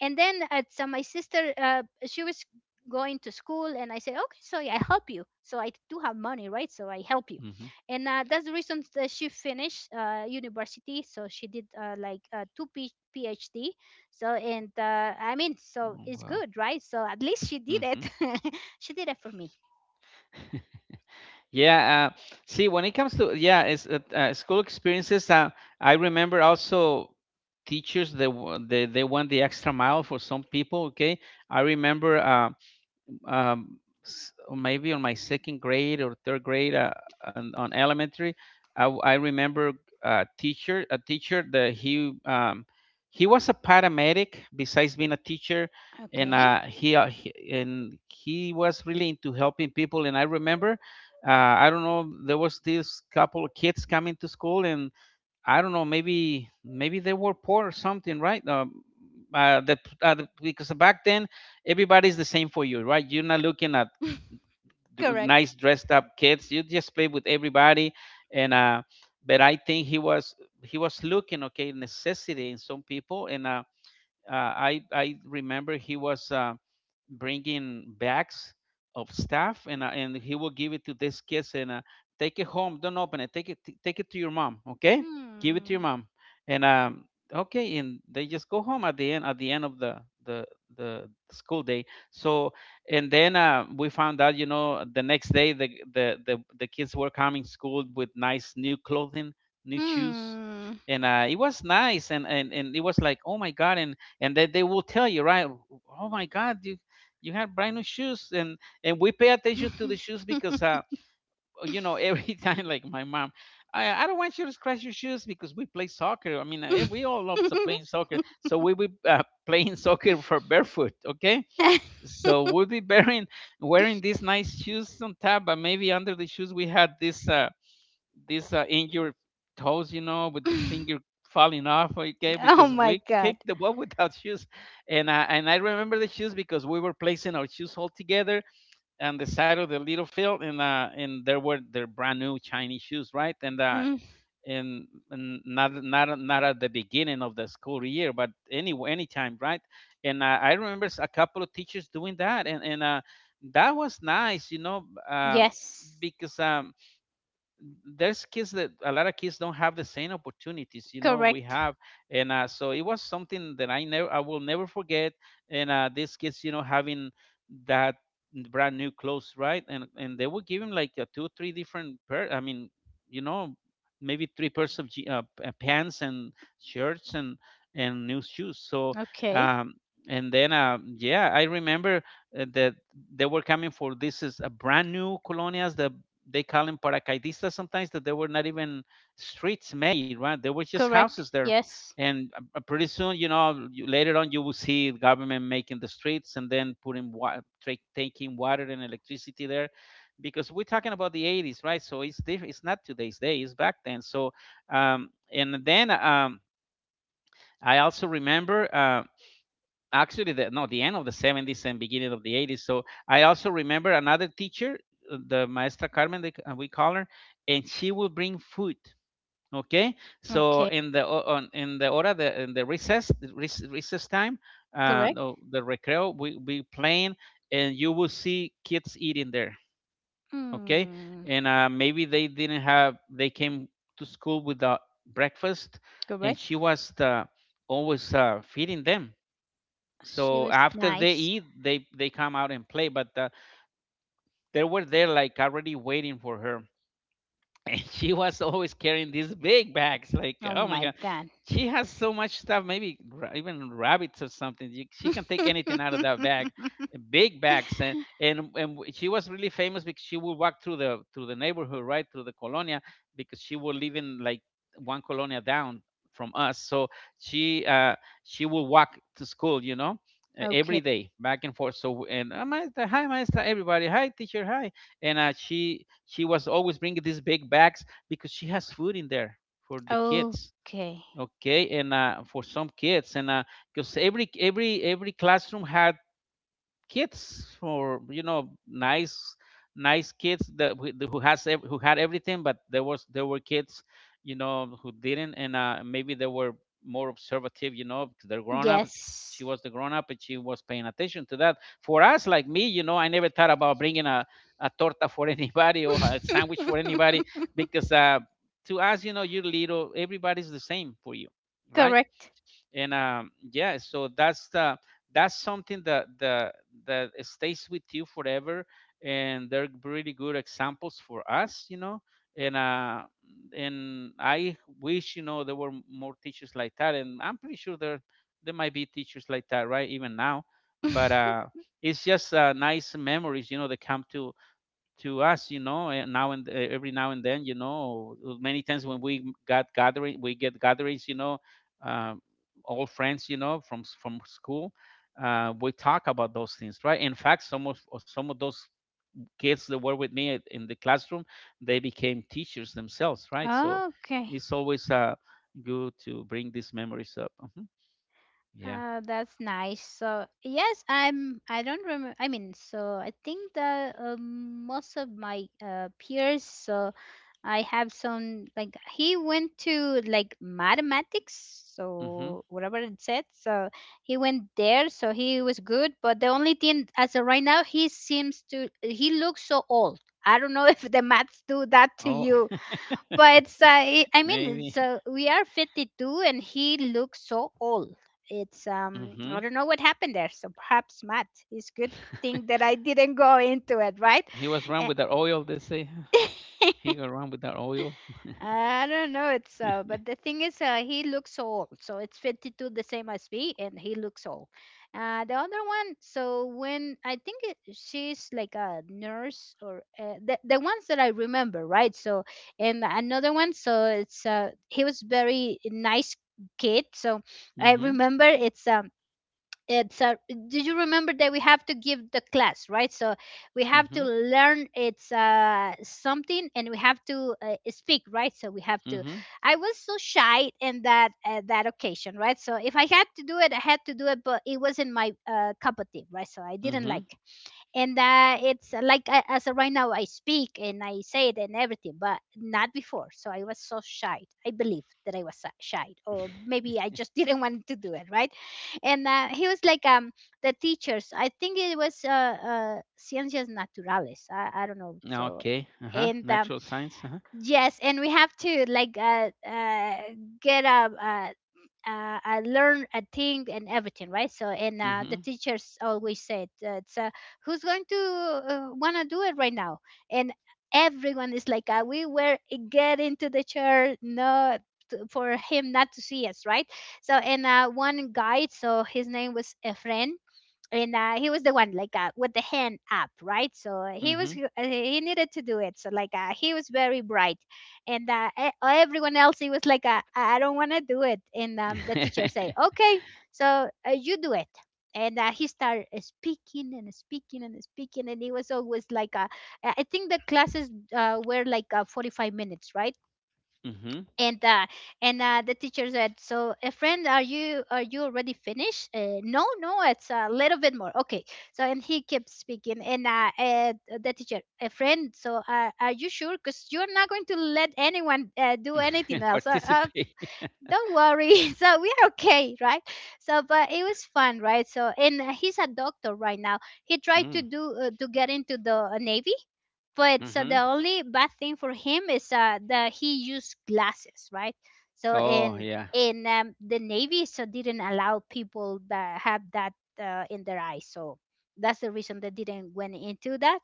And then so my sister she was going to school, and I said, okay, so I help you, so I do have money, right, so I help you. Mhm. And that's the reason that she finished university. So she did like two PhD. So and uh, I mean, so Oh, it's wow. good, right. So at least she did it. Mhm. She did it for me. Yeah, see, when it comes to yeah, it's school experiences. I remember also teachers, they they went the extra mile for some people. Okay, I remember um, maybe on my second grade or third grade, on elementary, I remember a teacher that he was a paramedic besides being a teacher, and Okay. He was really into helping people. And I remember, I don't know, there was this couple of kids coming to school, and I don't know, maybe maybe they were poor or something, right? Because back then, everybody's the same for you, right? You're not looking at Correct. nice dressed up kids. You just play with everybody, and but I think he was, he was looking okay necessity in some people, and I remember he was. Bringing bags of stuff, and he will give it to these kids, and take it home, don't open it, take it take it to your mom, okay, give it to your Hmm. mom. And okay, and they just go home at the end of the the school day, so and then we found out, you know, the next day the kids were coming school with nice new clothing, new shoes. Hmm. And it was nice, and it was like, oh my god, and they will tell you, right? Oh my god, you have brand new shoes. And we pay attention to the shoes, because you know every time, like, my mom, I don't want you to scratch your shoes, because we play soccer. I mean, we all love to playing soccer, so we will playing soccer for barefoot, okay. So we'll be wearing these nice shoes on top, but maybe under the shoes we had this injured toes, you know, with the finger falling off. Okay, Oh because my we god. kicked the ball without shoes, and I remember the shoes because we were placing our shoes all together on the side of the little field, and there were their brand new Chinese shoes, right? Mm, and not at the beginning of the school year, but anytime, right? And I remember a couple of teachers doing that, and that was nice, you know. Yes. Because there's kids that, a lot of kids don't have the same opportunities, you know, we Correct. have. And so it was something that I will never forget. And these kids, you know, having that brand new clothes, right? And they would give him like, two three different pair, I mean, you know, maybe three pairs of pants and shirts and new shoes, so Okay. um and then yeah, I remember that they were coming for, this is a brand new colonias, they call them paracaidistas sometimes, that there were not even streets made, right, there were just Correct. houses there. Yes. And pretty soon, you know, later on you will see the government making the streets, and then taking water and electricity there, because we're talking about the 80s, right? It's not today's day, it's back then, so and then I also remember, actually, the no the end of the 70s and beginning of the 80s. So I also remember another teacher, the maestra Carmen, we call her, and she will bring food, okay. So Okay. in the, in the hora the in the recess, the recess time, Correct. no, the recreo, we playing. And you will see kids eating there, okay. Hmm. And maybe they didn't have, they came to school without breakfast. And Correct. she was always feeding them. She So was after they nice. eat, they come out and play, but they were there like already waiting for her. And she was always carrying these big bags. Like, Oh oh my my god, god. she has so much stuff. Maybe even rabbits or something. She can take anything out of that bag, big bags. And she was really famous because she would walk through the neighborhood, right, through the colonia, because she would live in like one colonia down from us. So she she would walk to school, you know. Okay. Every day, back and forth. So, and maestra, hi, maestra, everybody, hi, teacher, hi. And she was always bringing these big bags because she has food in there for the kids. Okay. Okay, and for some kids, and because every classroom had kids, for you know, nice kids that who who had everything, but there were kids, you know, who didn't. And maybe they were more observative, you know, because they're grown up. She Yes. was the grown up and she was paying attention to that. For us, like me, you know, I never thought about bringing a torta for anybody, or a sandwich for anybody, because to us, you know, you're little, everybody's the same for you, right? Correct. and Yeah, so that's the that's something that the that stays with you forever, and they're really good examples for us, you know. and uh and I wish, you know, there were more teachers like that, and I'm pretty sure there might be teachers like that, right, even now, but it's just nice memories, you know, that come to us, you know, now and every now and then, you know. Many times when we got gathering we get gatherings, you know, um, all friends, you know, from from school. We talk about those things, right. In fact, some of some of those kids that were with me in the classroom, they became teachers themselves, right? So Okay. it's always good to bring these memories up. Hmm. Yeah. That's nice. So yes, I'm. I don't remember. I mean, so I think the most of my peers. So I have some, like he went to like mathematics. Hmm. So whatever it said. So he went there. So he was good. But the only thing as of right now, he seems to. He looks so old. I don't know if the maths do that to Oh. you, but I mean Maybe. so we are 52 and he looks so old. It's I Hmm. don't know what happened there, so perhaps matt it's good thing that I didn't go into it, right. He was wrong with the oil, they say. Eh, He go around with that oil. I don't know. It's But the thing is, he looks old, so it's 52, the same as me, and he looks old. The other one, so when I think it, she's like a nurse, or the ones that I remember, right. So and another one, so it's he was very nice kid. So I Mhm. remember it's a did you remember that we have to give the class, right. So we have to Mhm. learn it's something, and we have to speak, right. So we have to. Mhm. I was so shy in that occasion, right. So if I had to do it, I had to do it, but it wasn't my cup of tea, right. So I didn't like. Mhm. And it's like as of right now I speak and I say it and everything, but not before. So I was so shy. I believe that I was shy, or maybe I just didn't want to do it, right? And he was like, the teachers. I think it was ciencias naturales. I don't know. Now, So okay. Uh huh. and Natural science. Uh huh. yes, and we have to like get a I learn a thing and everything, right? So, and the Mhm. teachers always said, who's going to want to do it right now? And everyone is like, we were getting to the chair, no, for him not to see us, right? So, and one guide, so his name was Efren, and he was the one like with the hand up, right. So Mhm. He needed to do it, so like he was very bright. And everyone else he was like I don't want to do it, and the teacher say okay. So you do it, and he started speaking and speaking and speaking, and he was always like I think the classes were like 45 minutes, right. Mhm. And uh, and uh, the teacher said, "So, a friend, are you already finished?" No, no, it's a little bit more. Okay. So, and he kept speaking, and the teacher, a friend, so are you sure? Because you're not going to let anyone do anything else. Participate. Don't worry. So we are okay, right? So, but it was fun, right? So, and he's a doctor right now. He tried to Mm. do to get into the navy, but so the Mhm. only bad thing for him is that he used glasses, right. so Oh in yeah. in the navy so didn't allow people that have that in their eyes, so that's the reason they didn't went into that.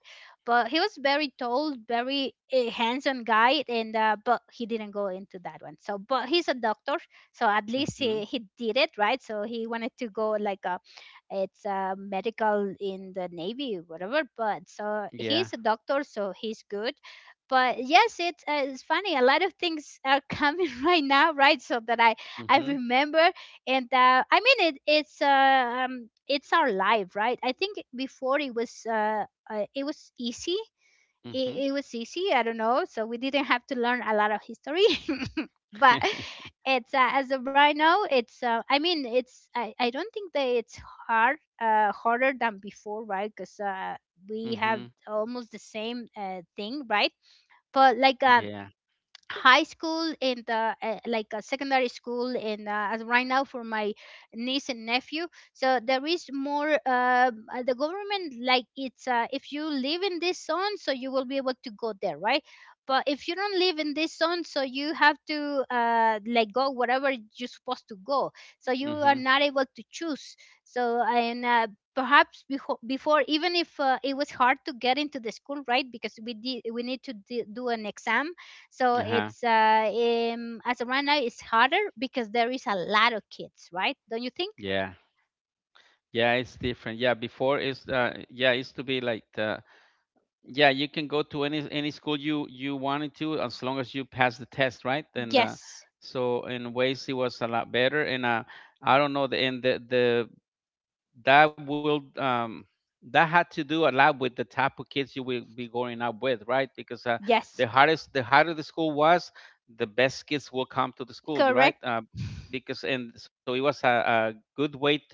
But he was very tall, very handsome guy, and but he didn't go into that one, so but he's a doctor. So at least he, Mhm. he did it, right. So he wanted to go like a it's medical in the navy, whatever, but so Yeah. he's a doctor, so he's good. But yes it's funny, a lot of things are coming right now, right. So that I Mhm. remember. And I mean it's our life, right. I think before it was easy. it, Mhm. it was easy. I don't know. So we didn't have to learn a lot of history. But it's as of right now, it's. I mean, it's. I don't think that it's hard, harder than before, right? Because we have Mhm. almost the same thing, right? But like Yeah. high school in the like a secondary school in as right now for my niece and nephew, so there is more the government like it's if you live in this zone, so you will be able to go there, right. But if you don't live in this zone, so you have to like go wherever you're supposed to go, so you are Mhm. not able to choose. So and perhaps before, even if it was hard to get into the school, right, because we need to do an exam. So Uh huh. it's as of right now it's harder because there is a lot of kids, right? Don't you think? Yeah. Yeah. It's different. Yeah, before it's yeah, it used to be like the, yeah, you can go to any school you wanted to as long as you pass the test, right? And Yes, So in ways it was a lot better. And I don't know, the and the that will, that had to do a lot with the type of kids you will be going up with, right? Because yes. The harder the school was, the best kids will come to the school, you right? Correct, Because and so it was a good way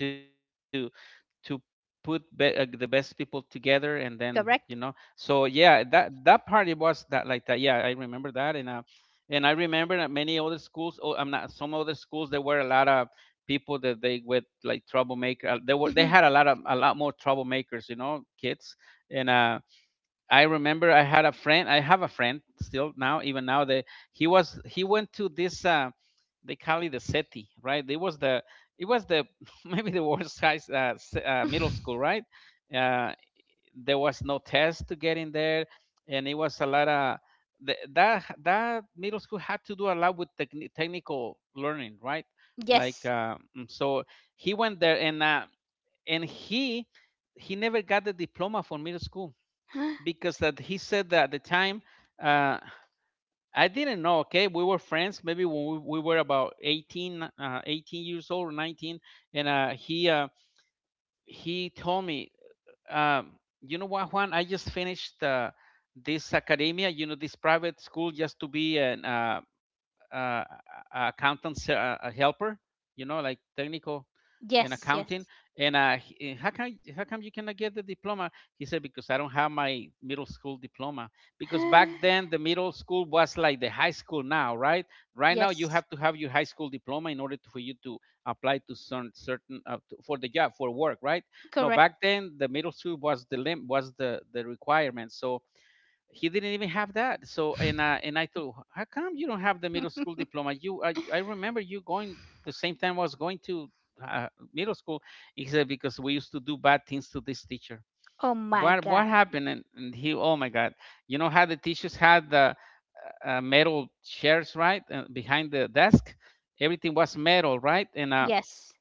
to the best people together, and then, you know. correct. So yeah, that part it was that like that. Yeah, I remember that, and I remember that many other schools, oh I'm not some other schools there were a lot of people that they with like troublemaker, they Mhm. had a lot more troublemakers, you know, kids. And I remember I had a friend. I have a friend still now, even now. That he went to this. They call it the SETI, right? It was the maybe the worst middle school, right? Uh, there was no test to get in there, and it was a lot of that middle school had to do a lot with technical learning, right? Like, Yes. So, he went there, and he never got the diploma for middle school, because that he said that at the time, uh, I didn't know. Okay, we were friends. Maybe when we were about 18, 18 years old, or 19, and he told me, um, you know what, Juan? I just finished this academia, you know, this private school, just to be an uh, accountant helper, you know, like technical in Yes, accounting. yes. And how come you cannot get the diploma? He said, because I don't have my middle school diploma. Because back then the middle school was like the high school now, right? Right now you Yes. have to have your high school diploma, for you to apply to certain, for the job, for work, right? No, Correct. back then the middle school was the lim- was the requirement. So he didn't even have that. So, and I thought, how come you don't have the middle school diploma? You I remember you going the same time I was going to uh, middle school. He said, because we used to do bad things to this teacher. Oh my What god. happened? And he, oh my god, you know how the teachers had the metal chairs, right, behind the desk? Everything was metal, right? Yes.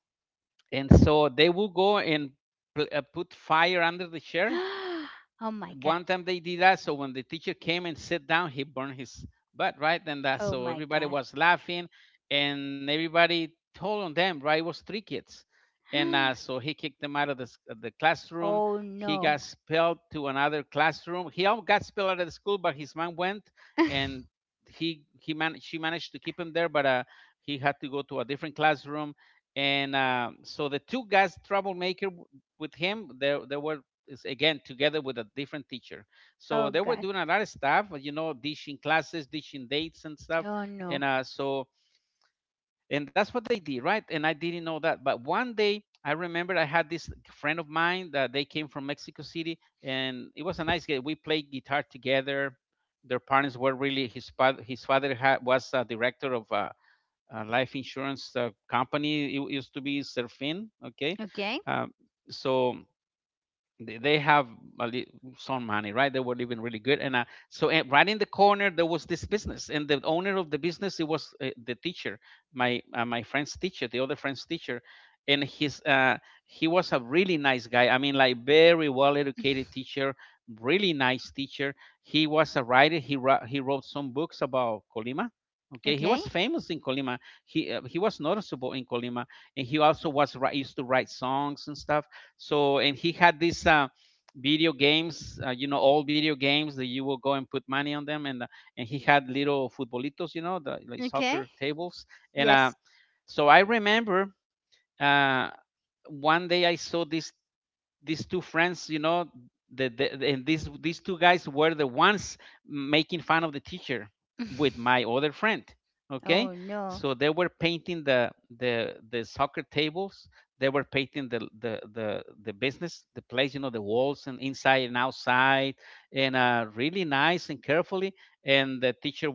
And so they would go and put fire under the chair. Oh my god. One time they did that. So when the teacher came and sat down, he burned his butt right then that. Oh So my everybody god. was laughing, and everybody told on them, right. It was three kids, and so he kicked them out of the classroom. Oh He got no. expelled to another classroom. He all got expelled out of the school, but his mom went and he man she managed to keep him there, but he had to go to a different classroom. And so the two guys troublemaker with him, they were is again together with a different teacher. So Oh they were god. doing a lot of stuff, you know, dishing classes, dishing dates and stuff. Oh And no. uh, that's what they did, right? And I didn't know that. But one day, I remember I had this friend of mine that they came from Mexico City, and it was a nice guy. We played guitar together. Their parents were really, his father, his father was a director of a life insurance company. It used to be Serfin, okay. Okay. Um, so they have a li- some money, right? They were living really good, and so right in the corner there was this business, and the owner of the business it was the teacher, my friend's teacher, the other friend's teacher, and his he was a really nice guy. I mean, like very well educated teacher, really nice teacher. He was a writer. He wrote some books about Colima. Okay, he Okay, was famous in Colima. He was noticeable in Colima, and he also used to write songs and stuff, so and he had these video games, old video games that you will go and put money on them, and he had little futbolitos, you know, the like okay. soccer tables, and Yes. so I remember uh, one day I saw this these two friends, you know, and these two guys were the ones making fun of the teacher with my other friend. Okay, Oh no. so they were painting the soccer tables. They were painting the business, the place, you know, the walls and inside and outside, and really nice and carefully. And the teacher,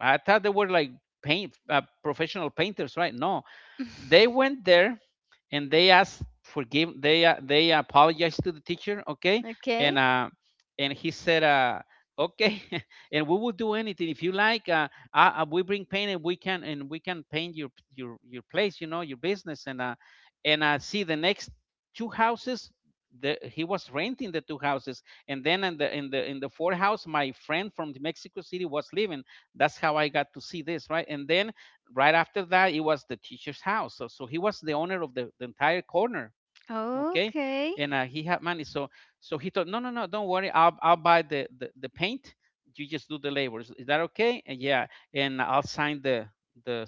I thought they were like paint professional painters, right? No, they went there and they asked forgive. They apologized to the teacher. Okay, Okay. and uh, and he said, okay, and we will do anything if you like. We bring paint and we can paint your place. You know your business, and see the next two houses. He was renting the two houses, and then in the fourth house, my friend from Mexico City was living. That's how I got to see this, right? And then right after that it was the teacher's house, so he was the owner of the entire corner. Okay, Okay. and he had money, so he thought, no, no, no, don't worry, I'll buy the paint. You just do the labor. Is that okay? And yeah, and I'll sign the the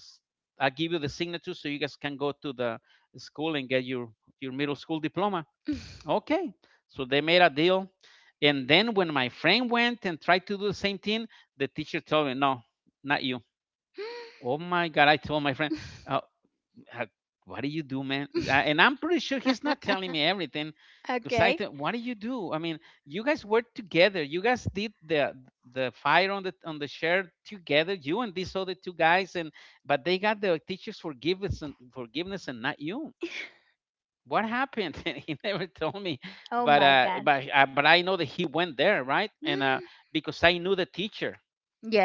I'll give you the signature so you guys can go to the school and get your middle school diploma. Okay, so they made a deal. And then when my friend went and tried to do the same thing, the teacher told me, no, not you. Oh my god, I told my friend, uh, uh, what do you do, man? And I'm pretty sure he's not telling me everything. Because I Okay. thought, what do you do? I mean, you guys worked together. You guys did the fire on the share together. You and these other two guys, and but they got the teacher's forgiveness and forgiveness, and not you. What happened? He never told me, Oh but my uh, god. but uh, but I know that he went there, right? And because I knew the teacher,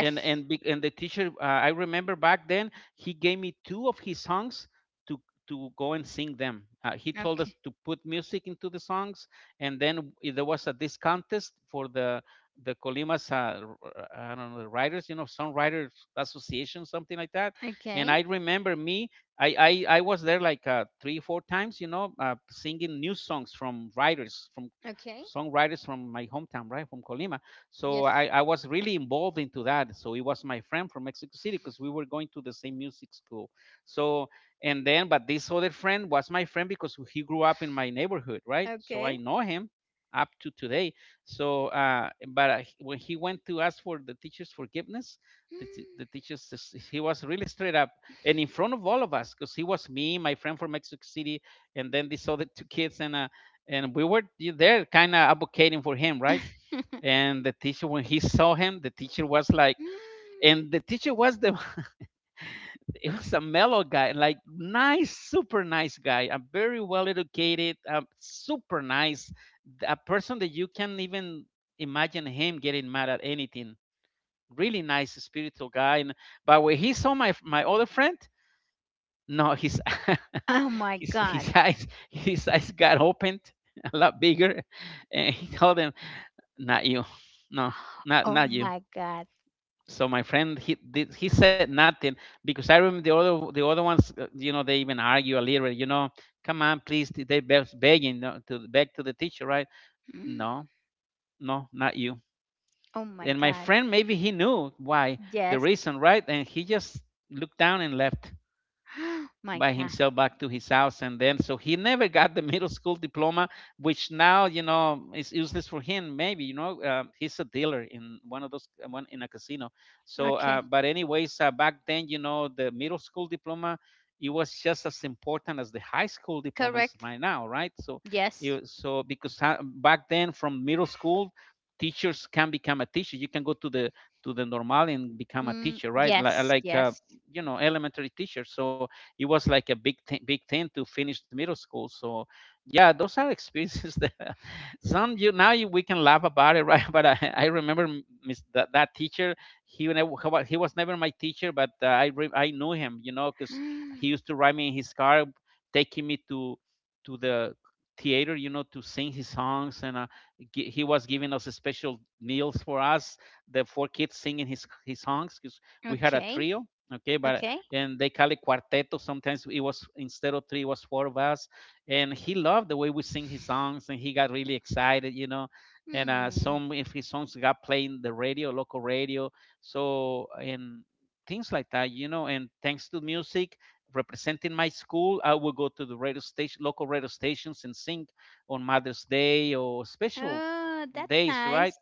and and big and the teacher, I remember back then he gave me two of his songs to go and sing them. He told us Okay. to put music into the songs. And then there was a this contest for the Colimas I don't know, the writers, you know, songwriters association, something like that. And I Okay. remember I was there like 3 4 times, you know, singing new songs from writers, from Okay. songwriters, from my hometown, right, from Colima. So Yes. I was really involved into that. So it was my friend from Mexico City because we were going to the same music school. So and then, but this other friend was my friend because he grew up in my neighborhood, right? So I Okay. know him up to today. So, but when he went to ask for the teacher's forgiveness, the, t- the teachers s- he was really straight up, and in front of all of us, because he was me, my friend from Mexico City, and then these other two kids, and we were there kind of advocating for him, right? And the teacher, when he saw him, the teacher was like, and the teacher was the it was a mellow guy, like nice, super nice guy, a very well educated super nice, a person that you can even imagine him getting mad at anything, really nice spiritual guy, and, but when he saw my other friend, no, his Oh my his god. his eyes, his eyes got opened, a lot bigger. And he told him, not you, no, not, Oh not you. my god. So my friend, he said nothing. Because I remember the other ones, you know, they even argue a little bit, you know, come on, please, they begging, to beg to the teacher, right. No, no, not you. Oh my And my god. friend, maybe he knew why, the Yes. reason, right, and he just looked down and left My by god. himself back to his house. And then so he never got the middle school diploma, which now, you know, is useless for him maybe, you know, he's a dealer in one of those, one in a casino. So Okay. But anyways, back then, you know, the middle school diploma, it was just as important as the high school diploma is Correct. right now, right, so Yes. you. So because back then from middle school teachers can become a teacher. You can go to the normal and become a Mm, teacher, right. Like yes. like uh, Yes. you know, elementary teacher, so it was like a big thing to finish the middle school. So yeah, those are experiences that some you now you, we can laugh about it, right? But I remember that teacher. He was never my teacher, but I knew him, you know, because he used to ride me in his car, taking me to the theater, you know, to sing his songs, and he was giving us a special meals for us, the four kids singing his songs, because we had a Okay. trio. Okay, but Okay. and they call it quarteto. Sometimes it was, instead of three, it was four of us, and he loved the way we sing his songs, and he got really excited. And Hmm. some of his songs got playing the radio, local radio, so and things like that. And thanks to music, representing my school, I would go to the radio station, local radio stations, and sing on Mother's Day or special Oh, that's days, right? nice.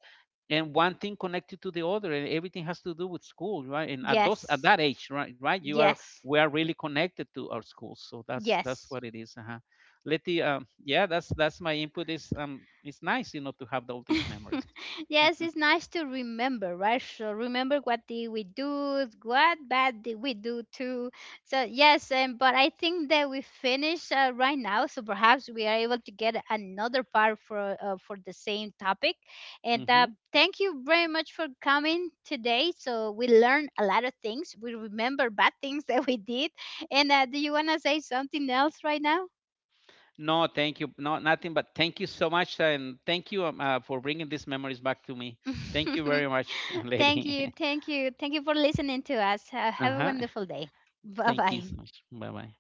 And one thing connected to the other, and everything has to do with school, right, and at Yes, that age, right you are, yes, we are really connected to our schools, so that's yes. what it is. Uh-huh. Letty, yeah, that's my input. Is it's nice, you know, to have all these memories. Yes, it's nice to remember, right? So remember what did we do, what bad did we do too. So yes, but I think that we finish right now, so perhaps we are able to get another part for the same topic. And Hmm. Thank you very much for coming today. So we learned a lot of things. We remember bad things that we did. And do you wanna say something else right now? No, thank you. No, nothing but thank you so much, and thank you, for bringing these memories back to me. Thank you very much, Thank you. lady. Thank you. Thank you for listening to us. Uh Have a huh. wonderful day. Bye Thank you bye. so much. Bye bye.